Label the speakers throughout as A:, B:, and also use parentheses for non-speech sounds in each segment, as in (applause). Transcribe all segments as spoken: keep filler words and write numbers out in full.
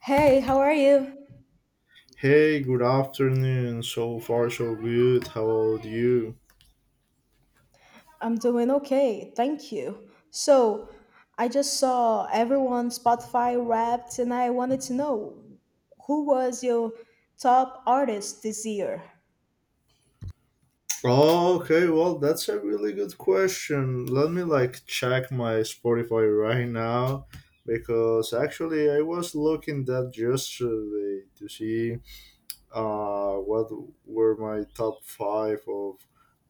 A: Hey, how are you?
B: Hey, good afternoon. So far, so good. How about you?
A: I'm doing okay, thank you. So, I just saw everyone Spotify Wrapped, and I wanted to know who was your top artist this year?
B: Oh, okay. Well, that's a really good question. Let me like check my Spotify right now because actually I was looking that yesterday to see uh what were my top five of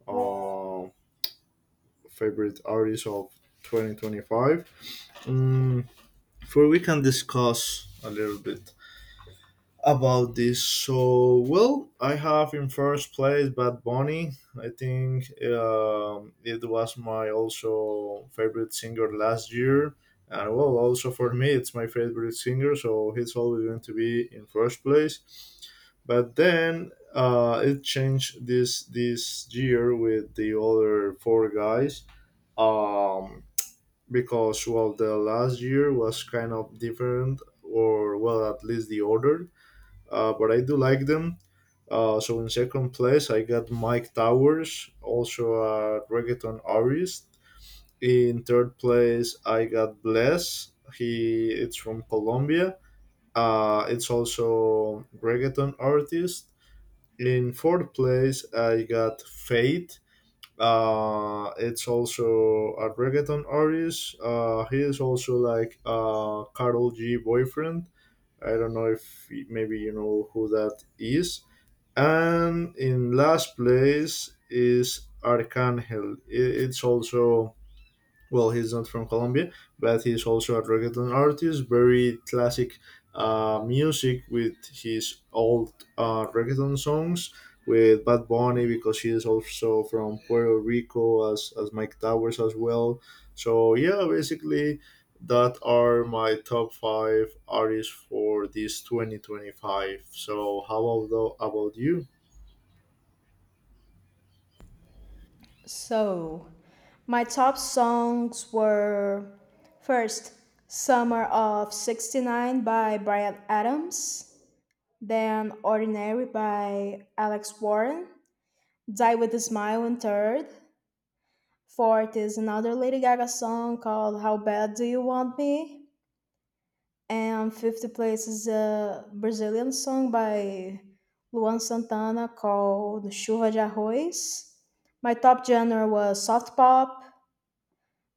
B: uh, favorite artists of twenty twenty-five. Mm, before we can discuss a little bit about this. So, well, I have in first place Bad Bunny. I think um, it was my also favorite singer last year. And well, also for me, it's my favorite singer, so he's always going to be in first place. But then uh, it changed this this year with the other four guys. Um, because well, the last year was kind of different, or well, at least the order, uh, but I do like them. Uh, so in second place, I got Mike Towers, also a reggaeton artist. In third place, I got Bless. He it's from Colombia. Uh, it's also reggaeton artist. In fourth place, I got Fate. Uh, it's also a reggaeton artist. Uh, he is also like uh, Carol G boyfriend. I don't know if maybe you know who that is. And in last place is Arcangel. I- It's also, well, he's not from Colombia, but he's also a reggaeton artist, very classic uh, music with his old uh, reggaeton songs with Bad Bunny because he is also from Puerto Rico as, as Mike Towers as well. So, yeah, basically, that are my top five artists for this twenty twenty-five. So, how about, about you?
A: So, my top songs were first Summer of sixty nine by Brian Adams, then Ordinary by Alex Warren, Die with a Smile in third, fourth is another Lady Gaga song called How Bad Do You Want Me? And fifth place is a Brazilian song by Luan Santana called Chuva de Arroz. My top genre was soft pop.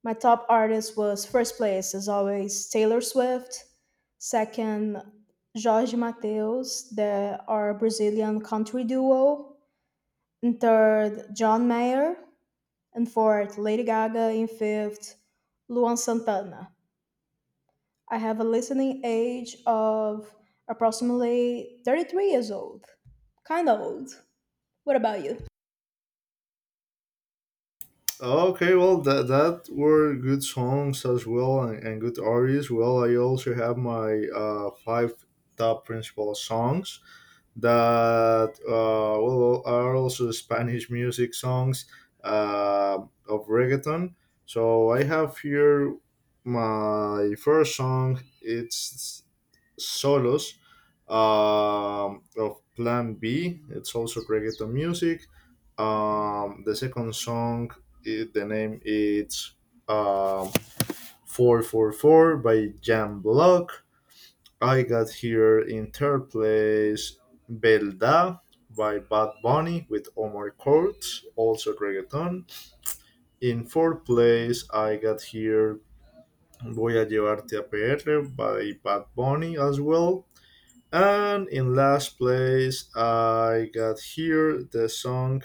A: My top artist was first place, as always, Taylor Swift. Second, Jorge Mateus, the our Brazilian country duo. And third, John Mayer. And fourth, Lady Gaga. In fifth, Luan Santana. I have a listening age of approximately thirty three years old. Kind of old. What about you?
B: Okay, well, that that were good songs as well and, and good artists. Well, I also have my uh, five top principal songs that uh, well are also Spanish music songs, uh, of reggaeton. So I have here my first song. It's solos um, of Plan B. It's also reggaeton music. Um, the second song, i- the name is um, four four four by Jam Block. I got here in third place Belda by Bad Bunny with Omar Courts, also reggaeton. In fourth place, I got here Voy a Llevarte a P R by Bad Bunny as well. And in last place, I got here the song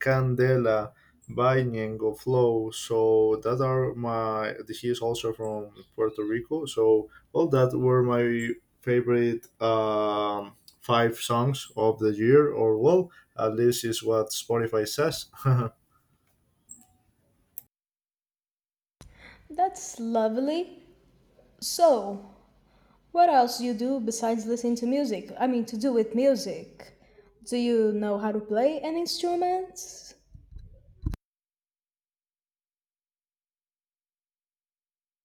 B: Candela by Ñengo Flow. So that are my, he is also from Puerto Rico. So all that were my favorite um, five songs of the year, or well, at least is what Spotify says.
A: That's lovely. So, what else you do besides listening to music? I mean, to do with music. Do you know how to play an instrument?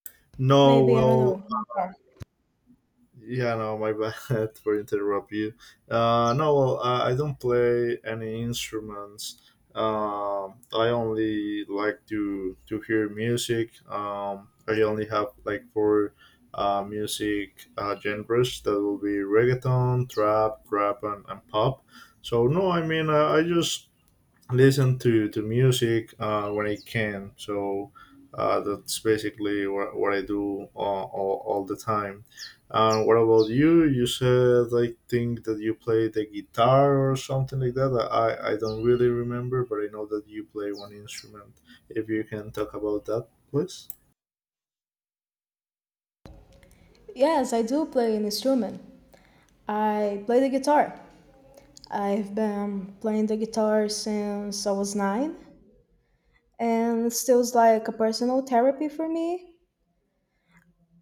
B: (laughs) No,
A: Maybe, I don't
B: well,
A: know. Guitar.
B: yeah, no, my bad (laughs) for interrupt you. Uh, no, well, I I don't play any instruments. Um, I only like to to hear music. Um, I only have like four uh, music uh, genres. That will be reggaeton, trap, rap, and, and pop. So no, I mean, I, I just listen to, to music uh, when I can. So uh, that's basically what, what I do all, all, all the time. Uh, what about you? You said I think that you play the guitar or something like that. I, I don't really remember, but I know that you play one instrument. If you can talk about that, please.
A: Yes, I do play an instrument. I play the guitar. I've been playing the guitar since I was nine, and it's still like a personal therapy for me.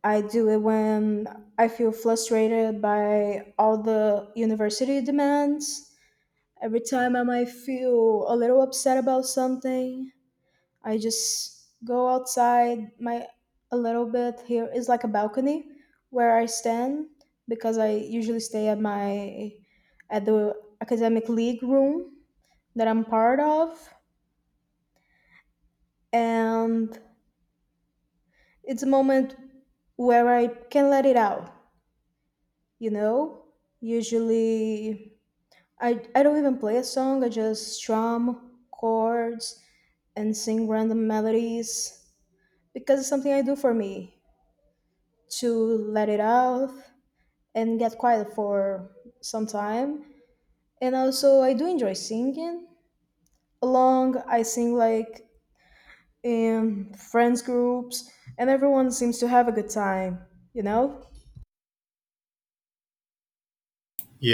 A: I do it when I feel frustrated by all the university demands. Every time I might feel a little upset about something, I just go outside my a little bit. Here is like a balcony where I stand because I usually stay at my at the academic league room that I'm part of. And it's a moment where I can let it out, you know? Usually I I don't even play a song. I just strum chords and sing random melodies because it's something I do for me to let it out and get quiet for some time. And also I do enjoy singing. Along I sing like in friends groups and everyone seems to have a good time, you know?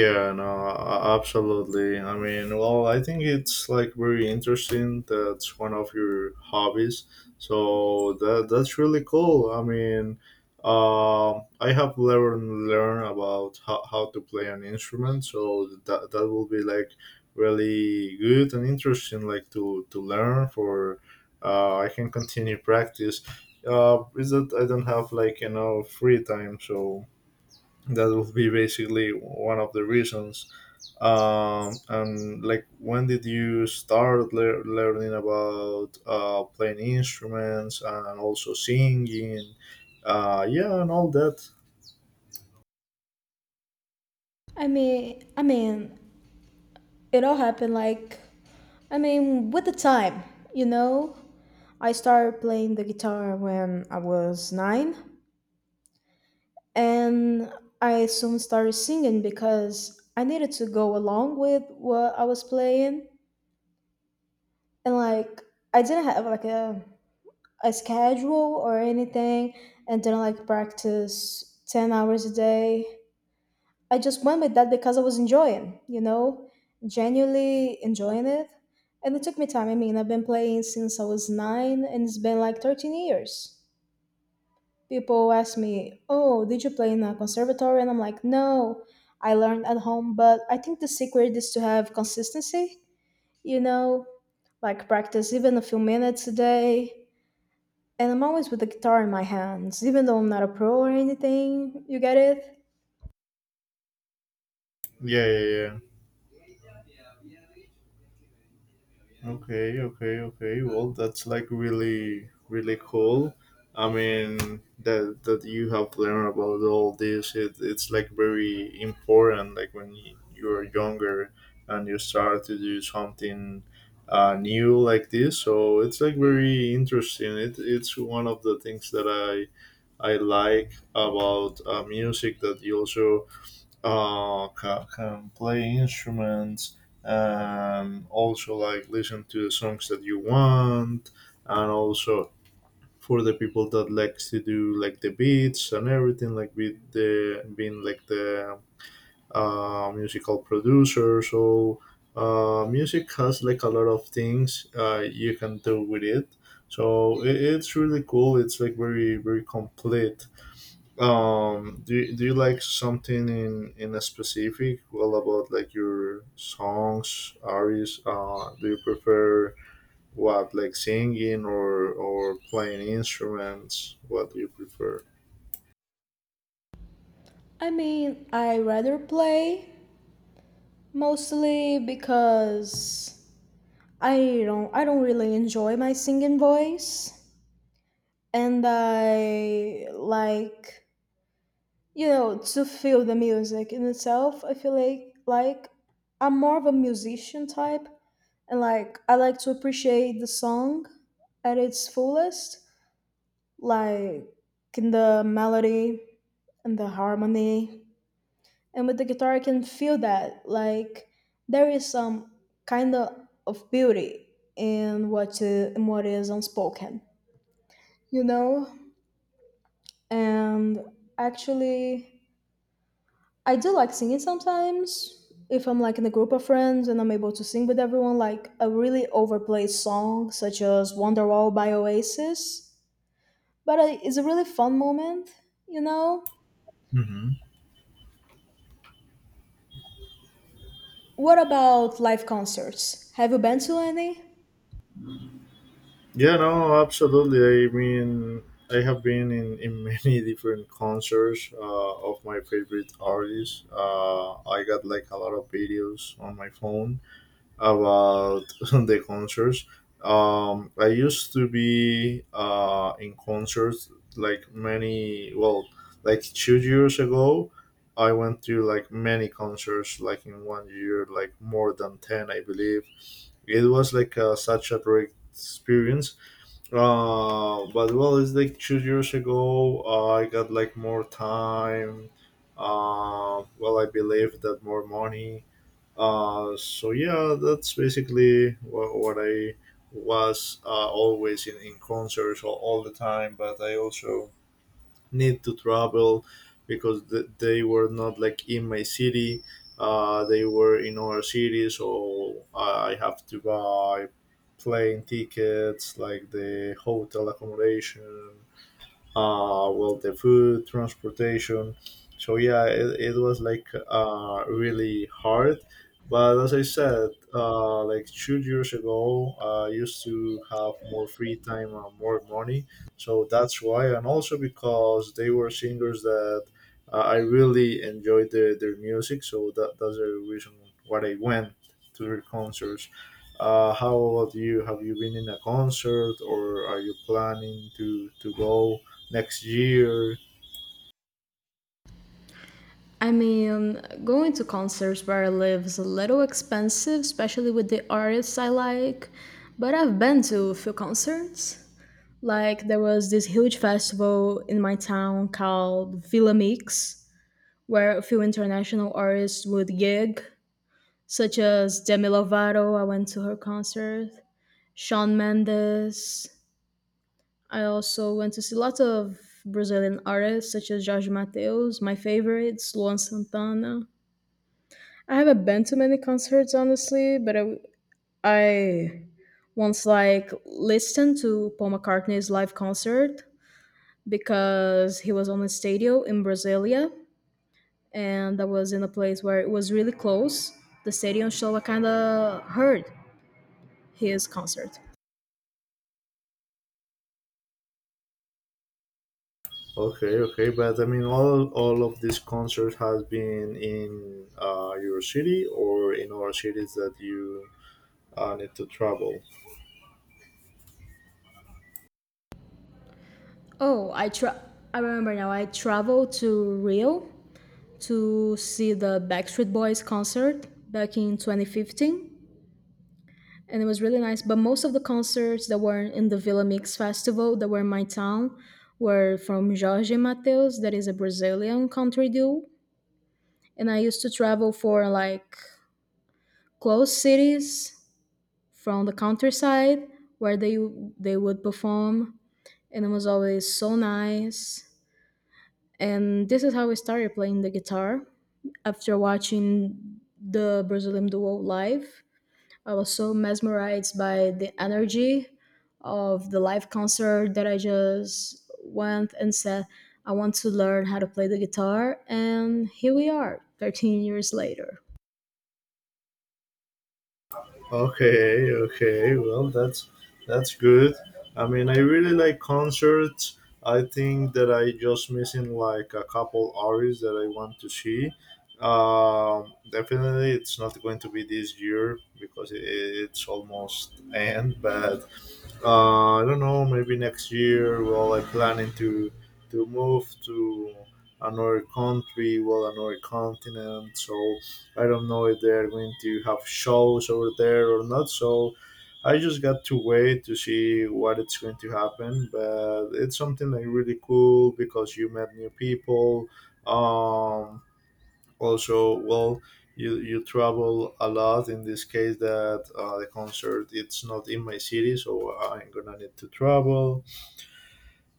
B: Yeah, no, a- absolutely. I mean, well, I think it's like very interesting. That's one of your hobbies, so that that's really cool. I mean, um, I have learned learn about how, how to play an instrument, so that that will be like really good and interesting, like to to learn for. Uh, I can continue practice. Uh, is that I don't have like enough free time, so that would be basically one of the reasons, um, and like when did you start lear learning about uh, playing instruments and also singing, uh, yeah and all that.
A: I mean, I mean, it all happened like, I mean, with the time, you know. I started playing the guitar when I was nine, and I soon started singing because I needed to go along with what I was playing, and like I didn't have like a a schedule or anything, and didn't like practice ten hours a day. I just went with that because I was enjoying, you know, genuinely enjoying it. And it took me time. I mean, I've been playing since I was nine and it's been like thirteen years. People ask me, oh, did you play in a conservatory? And I'm like, no, I learned at home. But I think the secret is to have consistency, you know, like practice even a few minutes a day. And I'm always with the guitar in my hands, even though I'm not a pro or anything. You get it?
B: Yeah, yeah, yeah. Okay, okay, okay. Well, that's like really, really cool. I mean, that that you have learned about all this, it, it's like very important. Like when y- you're younger and you start to do something uh, new like this, so it's like very interesting. It, it's one of the things that I I like about uh, music that you also uh, ca- can play instruments and also like listen to the songs that you want and also for the people that likes to do like the beats and everything like with the being like the uh, musical producer. So uh, music has like a lot of things uh, you can do with it. So it, it's really cool. It's like very very complete. um do, you, do you like something in in a specific, well, about like your songs artists, uh do you prefer what, like singing or or playing instruments? What do you prefer?
A: I mean, I rather play. Mostly because I don't I don't really enjoy my singing voice, and I like you know to feel the music in itself. I feel like like I'm more of a musician type, and like I like to appreciate the song at its fullest, like in the melody and the harmony, and with the guitar I can feel that like there is some kind of, of beauty in what, uh, in what is unspoken, you know. And actually I do like singing sometimes if I'm like in a group of friends and I'm able to sing with everyone like a really overplayed song such as Wonderwall by Oasis. But I, it's a really fun moment you know
B: Hmm.
A: what about live concerts, have you been to any?
B: Yeah, no, absolutely. I mean, I have been in in many (laughs) different concerts uh of my favorite artists. uh I got like a lot of videos on my phone about (laughs) the concerts. Um, I used to be uh, in concerts like many, well, like two years ago. I went to like many concerts, like in one year, like more than ten, I believe. It was like uh, such a great experience. Uh, but well, it's like two years ago. Uh, I got like more time. Uh, well, I believe that more money. uh, so yeah, that's basically what, what I was uh, always in, in concerts all, all the time. But I also need to travel because th- they were not like in my city. Uh, they were in other cities, so I have to buy plane tickets, like the hotel accommodation, uh, well, the food, transportation. So yeah, it, it was like uh, really hard. But as I said, uh, like two years ago, I used to have more free time and more money. So that's why, and also because they were singers that uh, I really enjoyed their, their music. So that, that's the reason why I went to their concerts. Uh, how about you? Have you been in a concert, or are you planning to to go next year?
A: I mean, going to concerts where I live is a little expensive, especially with the artists I like, but I've been to a few concerts. Like, there was this huge festival in my town called Villa Mix, where a few international artists would gig, such as Demi Lovato. I went to her concert. Shawn Mendes. I also went to see lots of Brazilian artists, such as Jorge Mateus, my favorites, Luan Santana. I haven't been to many concerts honestly, but I, I once like listened to Paul McCartney's live concert because he was on a stadium in Brasilia, and I was in a place where it was really close. The stadium, so I kind of heard his concert.
B: Okay, okay, but I mean, all all of these concerts has been in uh, your city or in other cities that you uh, need to travel.
A: Oh, I tra- I remember now. I traveled to Rio to see the Backstreet Boys concert back in twenty fifteen, and it was really nice. But most of the concerts that were in the Villa Mix Festival that were in my town were from Jorge Mateus, that is a Brazilian country duo. And I used to travel for like close cities from the countryside where they they would perform, and it was always so nice. And this is how I started playing the guitar after watching the Brazilian duo live. I was so mesmerized by the energy of the live concert that I just went and said, I want to learn how to play the guitar. And here we are, thirteen years later.
B: Okay, okay, well that's that's good. I mean, I really like concerts. I think that I just missing like a couple artists that I want to see. Um, definitely, it's not going to be this year because it, it's almost end. But uh, I don't know, maybe next year. Well, I'm planning to to move to another country, well, another continent. So I don't know if they're going to have shows over there or not. So I just got to wait to see what it's going to happen. But it's something like really cool because you met new people. Um, also well you you travel a lot in this case that uh, the concert it's not in my city, so I'm gonna need to travel.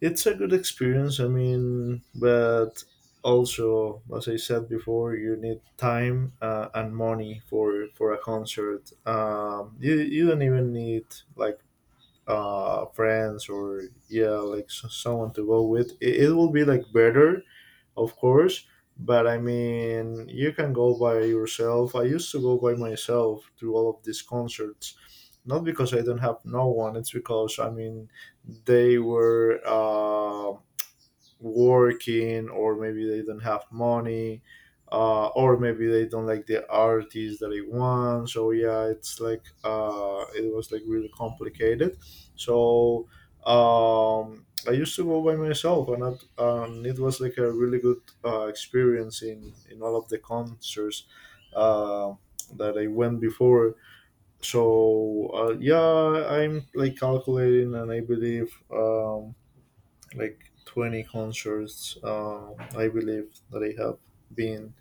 B: It's a good experience, I mean, but also as I said before, you need time uh, and money for for a concert. um you you don't even need like uh friends or, yeah, like s someone to go with, it, it will be like better, of course. But I mean, you can go by yourself. I used to go by myself to all of these concerts, not because I don't have no one. It's because I mean, they were, Um, working or maybe they don't have money, uh, or maybe they don't like the artist that they want. So yeah, it's like uh, it was like really complicated. So um, I used to go by myself and that, um, it was like a really good uh, experience in, in all of the concerts uh, that I went before. So uh, yeah, I'm like calculating and I believe um, like twenty concerts uh, I believe that I have been.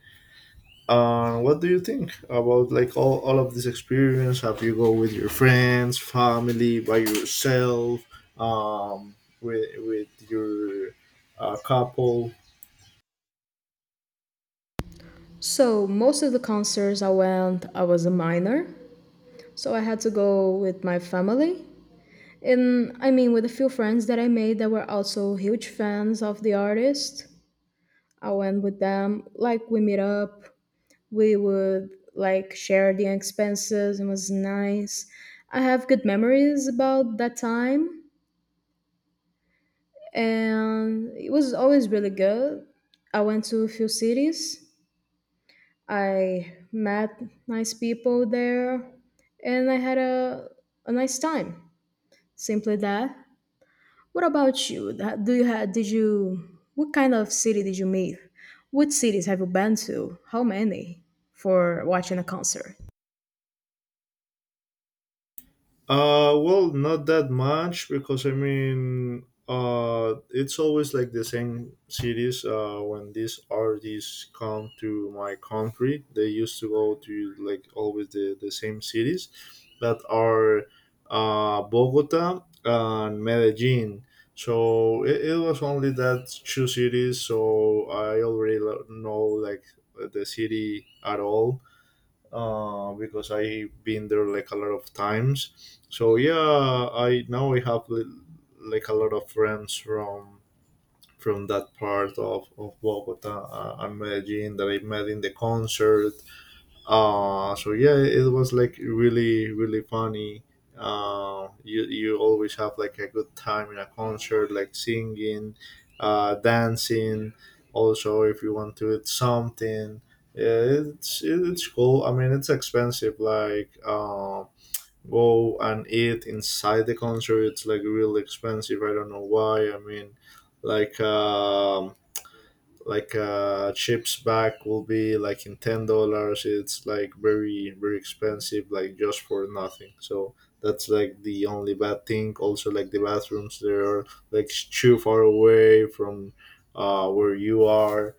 B: And what do you think about like all, all of this experience? Have you go with your friends, family, by yourself, um, with, with your uh, couple?
A: So, most of the concerts I went, I was a minor. So, I had to go with my family. And I mean, with a few friends that I made that were also huge fans of the artist. I went with them, like, we meet up, we would like share the expenses. It was nice. I have good memories about that time, and it was always really good. I went to a few cities. I met nice people there, and I had a a nice time. Simply that. What about you? That- Do you have? Did you? What kind of city did you meet? What cities have you been to? How many for watching a concert?
B: Uh, well, not that much because I mean, uh, it's always like the same cities. Uh, when these artists come to my country, they used to go to like always the, the same cities that are uh, Bogota and Medellin. So it, it was only that two cities. So I already lo- know like the city at all uh, because I've been there like a lot of times. So yeah, I now I have li- like a lot of friends from from that part of, of Bogota. Uh, I met Jean that I met in the concert. Uh so yeah, it was like really really funny. uh, you you always have like a good time in a concert, like singing, uh dancing, also if you want to eat something. Yeah, it's it's cool. I mean, it's expensive, like uh go and eat inside the concert. It's like really expensive. I don't know why. I mean, like um like uh chips back will be like in ten dollars. It's like very very expensive, like just for nothing. So that's like the only bad thing. Also, like the bathrooms, they are like too far away from uh where you are.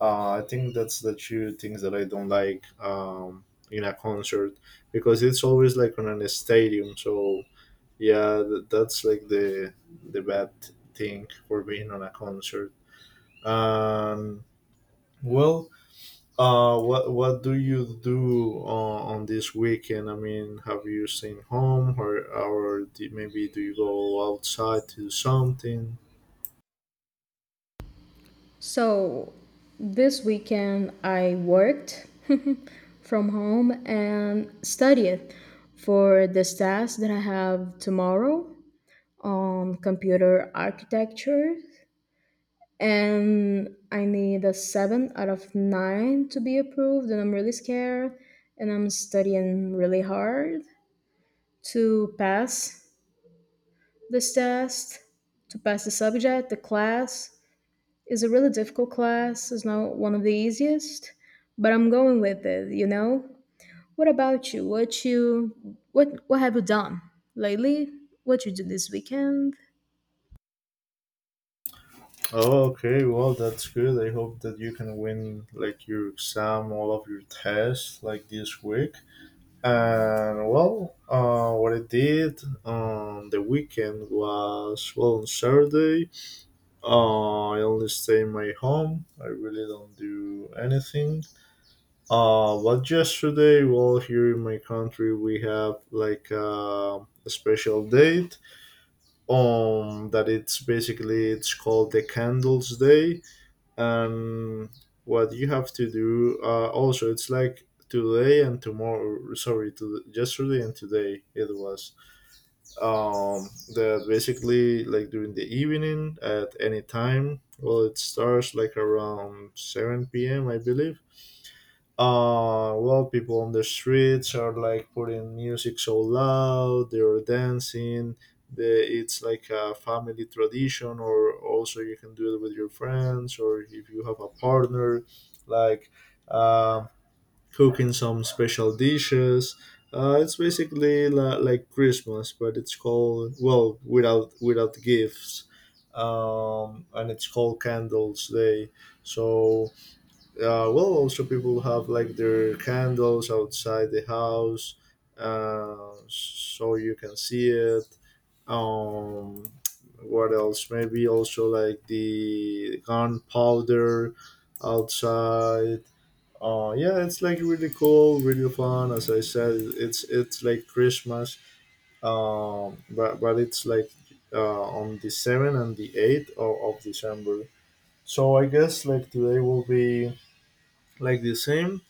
B: uh I think that's the two things that I don't like, um in a concert, because it's always like on a stadium. So yeah, th- that's like the the bad thing for being on a concert. um well, uh, what what do you do on, on this weekend? I mean, have you stayed home, or or do, maybe do you go outside to do something?
A: So this weekend I worked (laughs) from home and studied for this task that I have tomorrow on computer architecture, and I need a seven out of nine to be approved, and I'm really scared, and I'm studying really hard to pass this test, to pass the subject, the class. It's a really difficult class. It's not one of the easiest, but I'm going with it, you know? What about you? What you what what have you done lately? What you did this weekend?
B: Oh, okay. Well, that's good. I hope that you can win like your exam, all of your tests, like this week. And well, uh, what I did on the weekend was, well, on Saturday. Uh, I only stay in my home. I really don't do anything. Uh, well, yesterday, well, here in my country, we have like uh, a special date, um that it's basically it's called the Candles Day, and what you have to do, uh, also it's like today and tomorrow. Sorry, to yesterday and today it was um that basically like during the evening, at any time. Well, it starts like around seven p m. I believe. Uh, well, people on the streets are like putting music so loud, they're dancing. The, it's like a family tradition, or also you can do it with your friends, or if you have a partner, like uh, cooking some special dishes. Uh, it's basically la- like Christmas, but it's called, well, without without gifts, um, and it's called Candles Day. So uh, well, also people have like their candles outside the house, uh, so you can see it. Um, what else? Maybe also like the gunpowder outside. Uh, yeah, it's like really cool, really fun. As I said, it's it's like Christmas. Um, but but it's like uh, on the seventh and the eighth of, of December. So I guess like today will be like the same,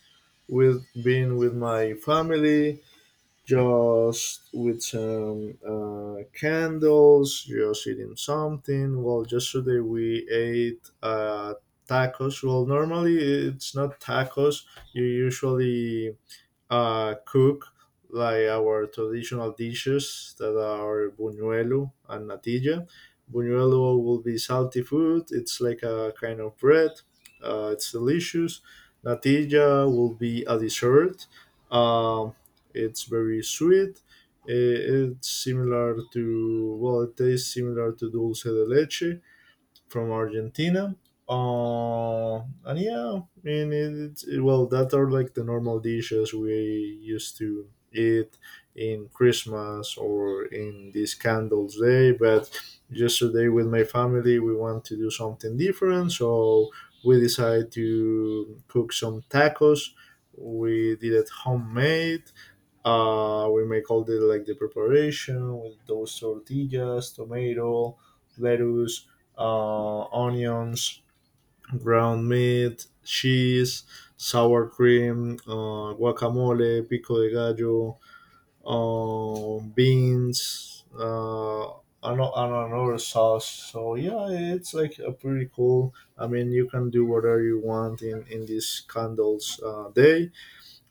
B: with being with my family, just with some uh, candles, just eating something. Well, yesterday we ate uh, tacos. Well, normally it's not tacos. You usually uh, cook like our traditional dishes that are buñuelo and natilla. Buñuelo will be salty food. It's like a kind of bread. Uh, it's delicious. Natilla will be a dessert. Um, it's very sweet. I- It's similar to, well, it tastes similar to dulce de leche from Argentina. Uh, and yeah, I mean, it's, well, that are like the normal dishes we used to eat in Christmas or in this candles day. But yesterday with my family, we want to do something different. So we decided to cook some tacos. We did it homemade. Uh, we make all the like the preparation with those tortillas, tomato, lettuce, uh, onions, ground meat, cheese, sour cream, uh, guacamole, pico de gallo, uh, beans, uh, and, a- and another sauce. So yeah, it's like a pretty cool. I mean, you can do whatever you want in in this candles uh, day.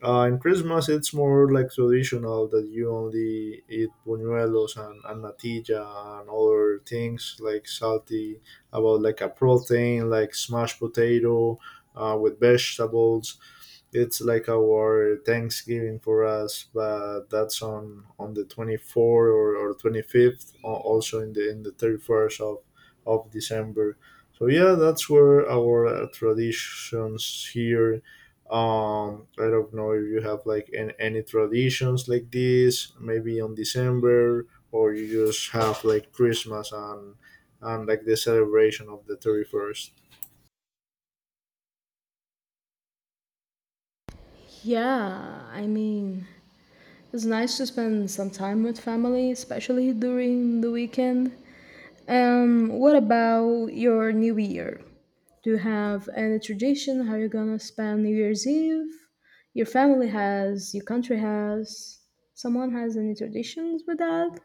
B: Uh, in Christmas, it's more like traditional that you only eat buñuelos and, and natilla and other things like salty about like a protein, like smashed potato uh, with vegetables. It's like our Thanksgiving for us, but that's on on the twenty fourth or, or twenty fifth, also in the in the thirty first of of December. So yeah, that's where our uh, traditions here. Um, I don't know if you have like an, any traditions like this, maybe on December, or you just have like Christmas and and like the celebration of the thirty first.
A: Yeah, I mean, it's nice to spend some time with family, especially during the weekend. Um, what about your New Year? Do you have any tradition how you're gonna spend New Year's Eve? Your family has, your country has. Someone has any traditions with that?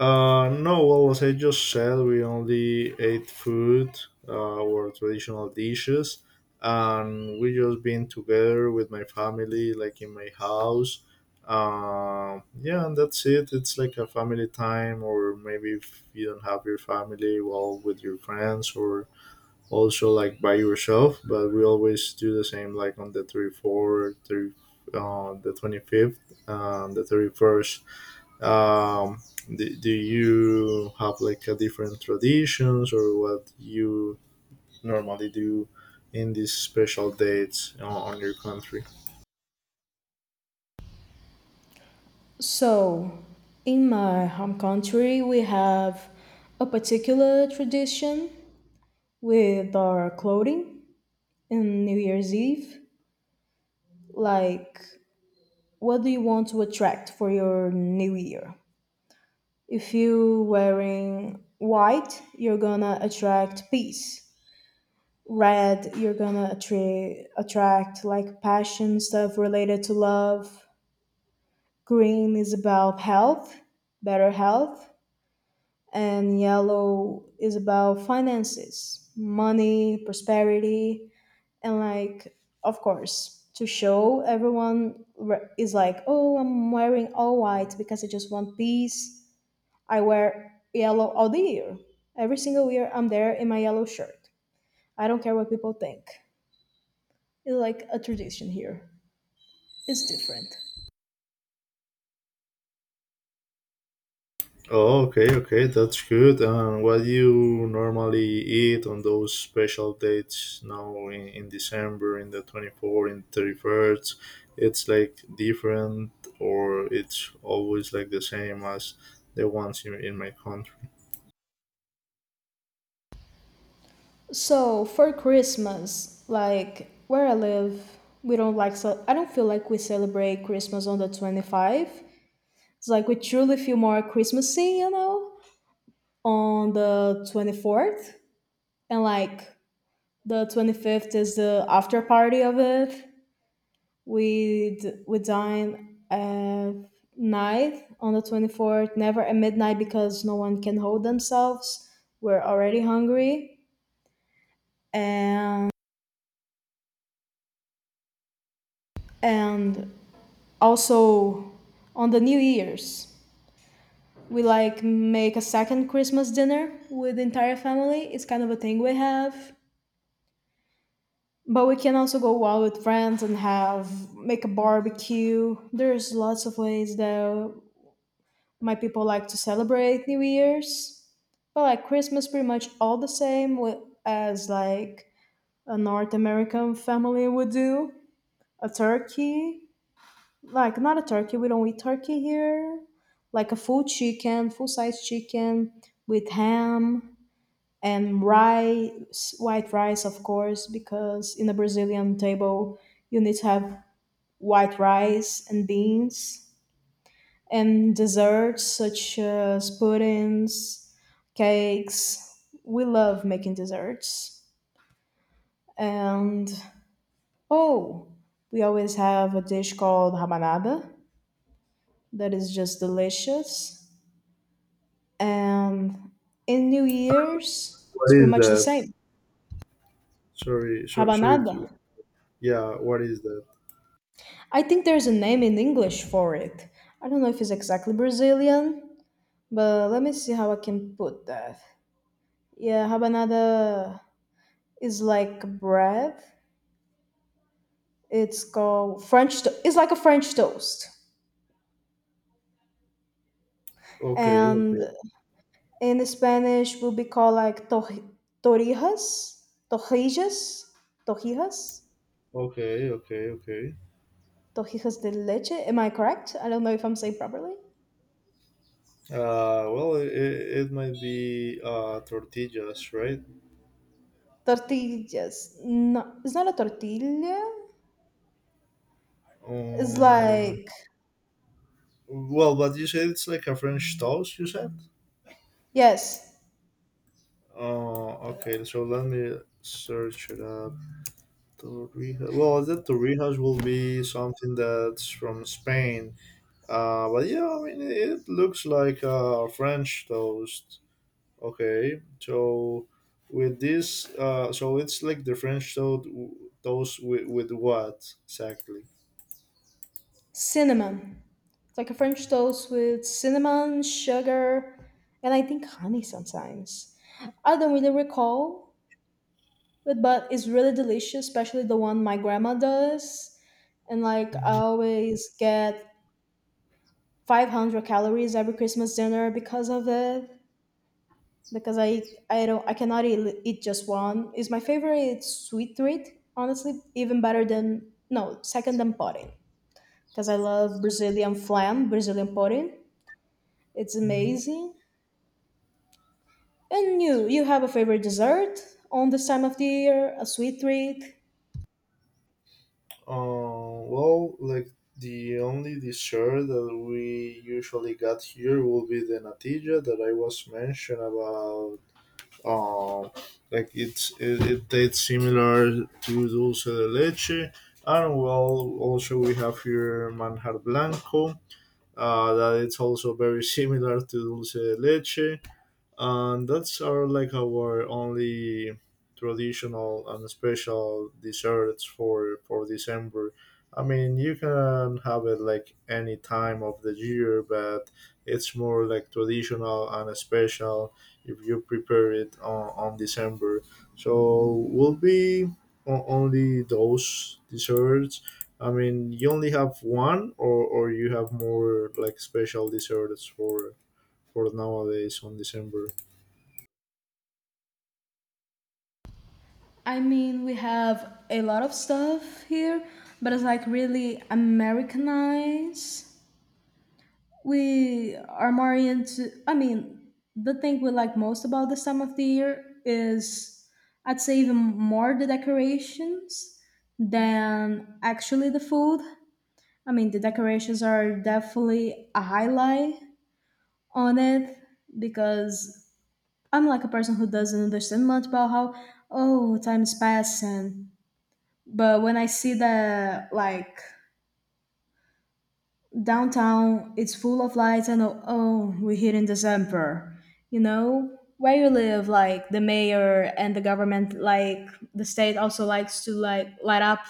B: Uh, no, well, as I just said, we only ate food, uh, our traditional dishes, and we just been together with my family, like in my house. Uh, yeah, and that's it. It's like a family time, or maybe if you don't have your family, well, with your friends, or also like by yourself. But we always do the same, like on the thirty-fourth, thirty, uh, the twenty-fifth, and the thirty-first. um do, do you have like a different traditions, or what you normally do in these special dates on, on your country?
A: So, in my home country, we have a particular tradition with our clothing in New Year's Eve. Like, what do you want to attract for your New Year? If you wearing white, you're gonna attract peace. Red, you're gonna attra- attract like passion, stuff related to love. Green is about health, better health. And yellow is about finances, money, prosperity. And like, of course, to show everyone re- is like, oh, I'm wearing all white because I just want peace. I wear yellow all the year. Every single year, I'm there in my yellow shirt. I don't care what people think. It's like a tradition here. It's different.
B: Oh, okay, okay, that's good. And what do you normally eat on those special dates now in, in December, in the twenty-fourth, in thirty-first? It's like different, or it's always like the same as the ones in, in my country?
A: So for Christmas, like where I live, we don't like, ce- I don't feel like we celebrate Christmas on the twenty five. It's like we truly feel more Christmassy, you know, on the twenty fourth, and like the twenty fifth is the after party of it. we d- we dine at night on the twenty fourth, never at midnight, because no one can hold themselves. We're already hungry. And and also on the New Year's, we like make a second Christmas dinner with the entire family. It's kind of a thing we have, but we can also go out with friends and have make a barbecue. There's lots of ways that my people like to celebrate New Year's, but like Christmas, pretty much all the same wi- as like a North American family would do. A turkey, like not a turkey, we don't eat turkey here. Like a full chicken, full size chicken with ham and rice, white rice, of course, because in the Brazilian table you need to have white rice and beans and desserts such as puddings, cakes. We love making desserts. And oh, we always have a dish called rabanada that is just delicious. And in New Year's,
B: What
A: it's pretty
B: is
A: much the
B: that?
A: same.
B: Sorry, so, sorry to.
A: Rabanada.
B: Yeah, what is that?
A: I think there's a name in English for it. I don't know if it's exactly Brazilian, but let me see how I can put that. Yeah, rabanada is like bread. It's called French. To- it's like a French toast,
B: Okay,
A: and
B: okay,
A: in Spanish will be called like tor- torijas, torrijas, torrijas,
B: okay, okay, okay.
A: torrijas de leche. Am I correct? I don't know if I'm saying properly.
B: Uh, well, it, it might be uh tortillas, right?
A: Tortillas. No, it's not a tortilla. It's
B: Um,
A: like,
B: well, but you said it's like a French toast. You said.
A: yes,
B: Oh, okay. So let me search it up. Torrijas. Well, the torrijas will be something that's from Spain. Uh, but yeah, I mean, it looks like a French toast. Okay, so with this, uh, so it's like the French toad w- toast with, with what exactly?
A: cinnamon. It's like a French toast with cinnamon, sugar, and I think honey sometimes. I don't really recall, but but it's really delicious, especially the one my grandma does. And like I
B: Mhm.
A: always get five hundred calories every Christmas dinner because of it. Because I I don't, I cannot eat, eat just one. It's my favorite sweet treat, honestly, even better than, no, second, than pudding. Because I love Brazilian flam, Brazilian pudding. It's
B: Mhm.
A: amazing. And you you have a favorite dessert on this time of the year, a sweet treat?
B: Uh, well, like the only dessert that we usually got here will be the natilla that I was mentioned about. Um, like it's it, it tastes similar to dulce de leche, and well, also we have here manjar blanco. uh, that it's also very similar to dulce de leche, and that's our like our only traditional and special desserts for for December. I mean, you can have it like any time of the year, but it's more like traditional and special if you prepare it on, on December. So will be o- only those desserts. I mean, you only have one, or or you have more like special desserts for for nowadays on December?
A: I mean, we have a lot of stuff here, but it's like really Americanized. We are more into, I mean, the thing we like most about this time of the year is, I'd say, even more the decorations than actually the food. I mean, the decorations are definitely a highlight on it because I'm like a person who doesn't understand much about how, oh, time's passing. But when I see that like downtown it's full of lights and oh, oh we're here in December, you know? Where you live, like the mayor and the government, like the state also likes to like light up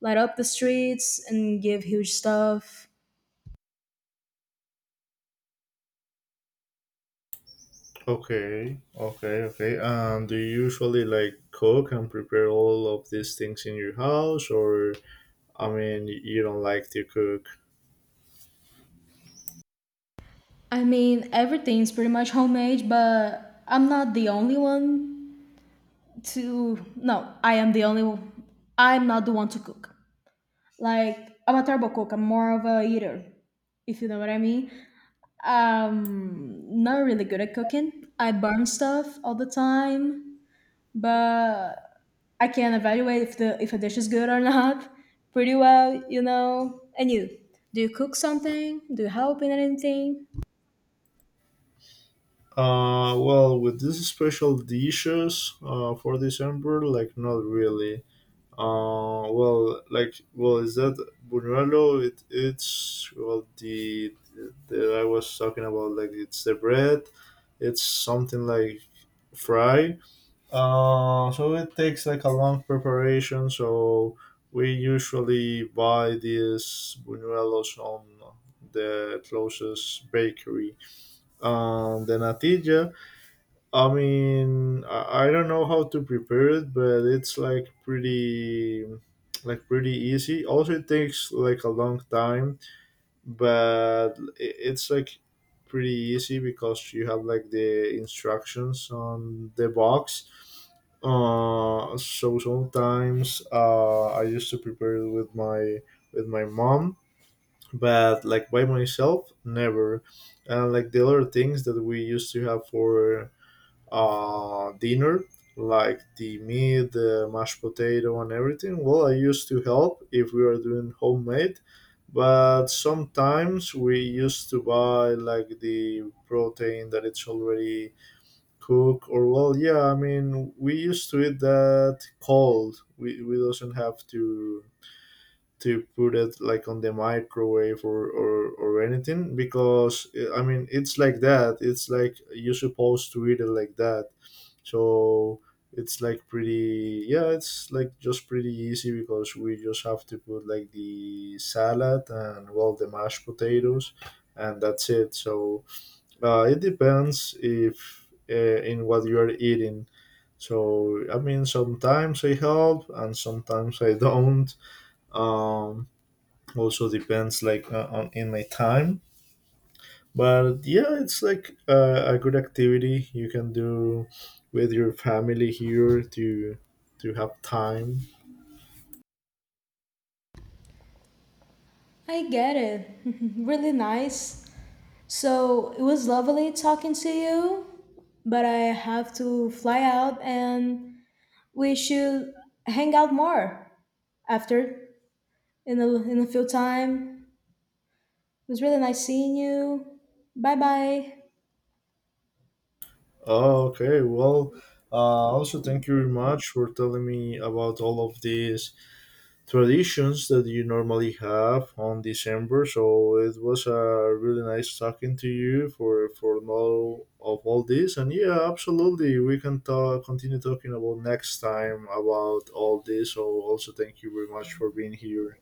A: light up the streets and give huge stuff.
B: Okay, okay, okay. And do you usually like cook and prepare all of these things in your house, or I mean, you don't like to cook?
A: I mean everything's pretty much homemade, but I'm not the only one to, no, I am the only, I'm not the one to cook. Like I'm a turbo cook. I'm more of a eater, if you know what I mean. Um, not really good at cooking. I burn stuff all the time, but I can evaluate if the if a dish is good or (laughs) not pretty well, you know. And you, do you cook something? Do you help in anything?
B: Uh, well, with these special dishes, uh, for December, like not really. Uh, well, like, well, is that buñuelo? It, it's, well, the that I was talking about. Like, it's the bread. It's something like fry. Uh, so it takes like a long preparation. So we usually buy these buñuelos on the closest bakery. Um, the natilla, I mean, I, I don't know how to prepare it, but it's like pretty, like pretty easy. Also, it takes like a long time, but i- it's like pretty easy because you have like the instructions on the box. uh so sometimes uh I used to prepare it with my with my mom, but like by myself never. And like the other things that we used to have for uh, dinner, like the meat, the mashed potato, and everything. Well, I used to help if we were doing homemade, but sometimes we used to buy like the protein that it's already cooked. Or well, yeah, I mean we used to eat that cold. We we doesn't have to to put it like on the microwave, or, or, or anything, because eh, I mean it's like that. It's like you're supposed to eat it like that. So it's like pretty, yeah, it's like just pretty easy because we just have to put like the salad and well the mashed potatoes and that's it. So uh, it depends if uh, in what you're eating. So I mean, sometimes I help and sometimes I (laughs) don't. um Also depends like uh, on in my time, but yeah, it's like uh, a good activity you can do with your family here to to have time.
A: I get it. (laughs) Really nice. So it was lovely talking to you, but I have to fly out and we should hang out more after in a in a few time. It was really nice seeing you. Bye bye.
B: Oh, okay, well, uh, also thank you very much for telling me about all of these traditions that you normally have on December. So it was uh, really nice talking to you for for all of all this, and yeah, absolutely we can talk continue talking about next time about all this. So also thank you very much for being here.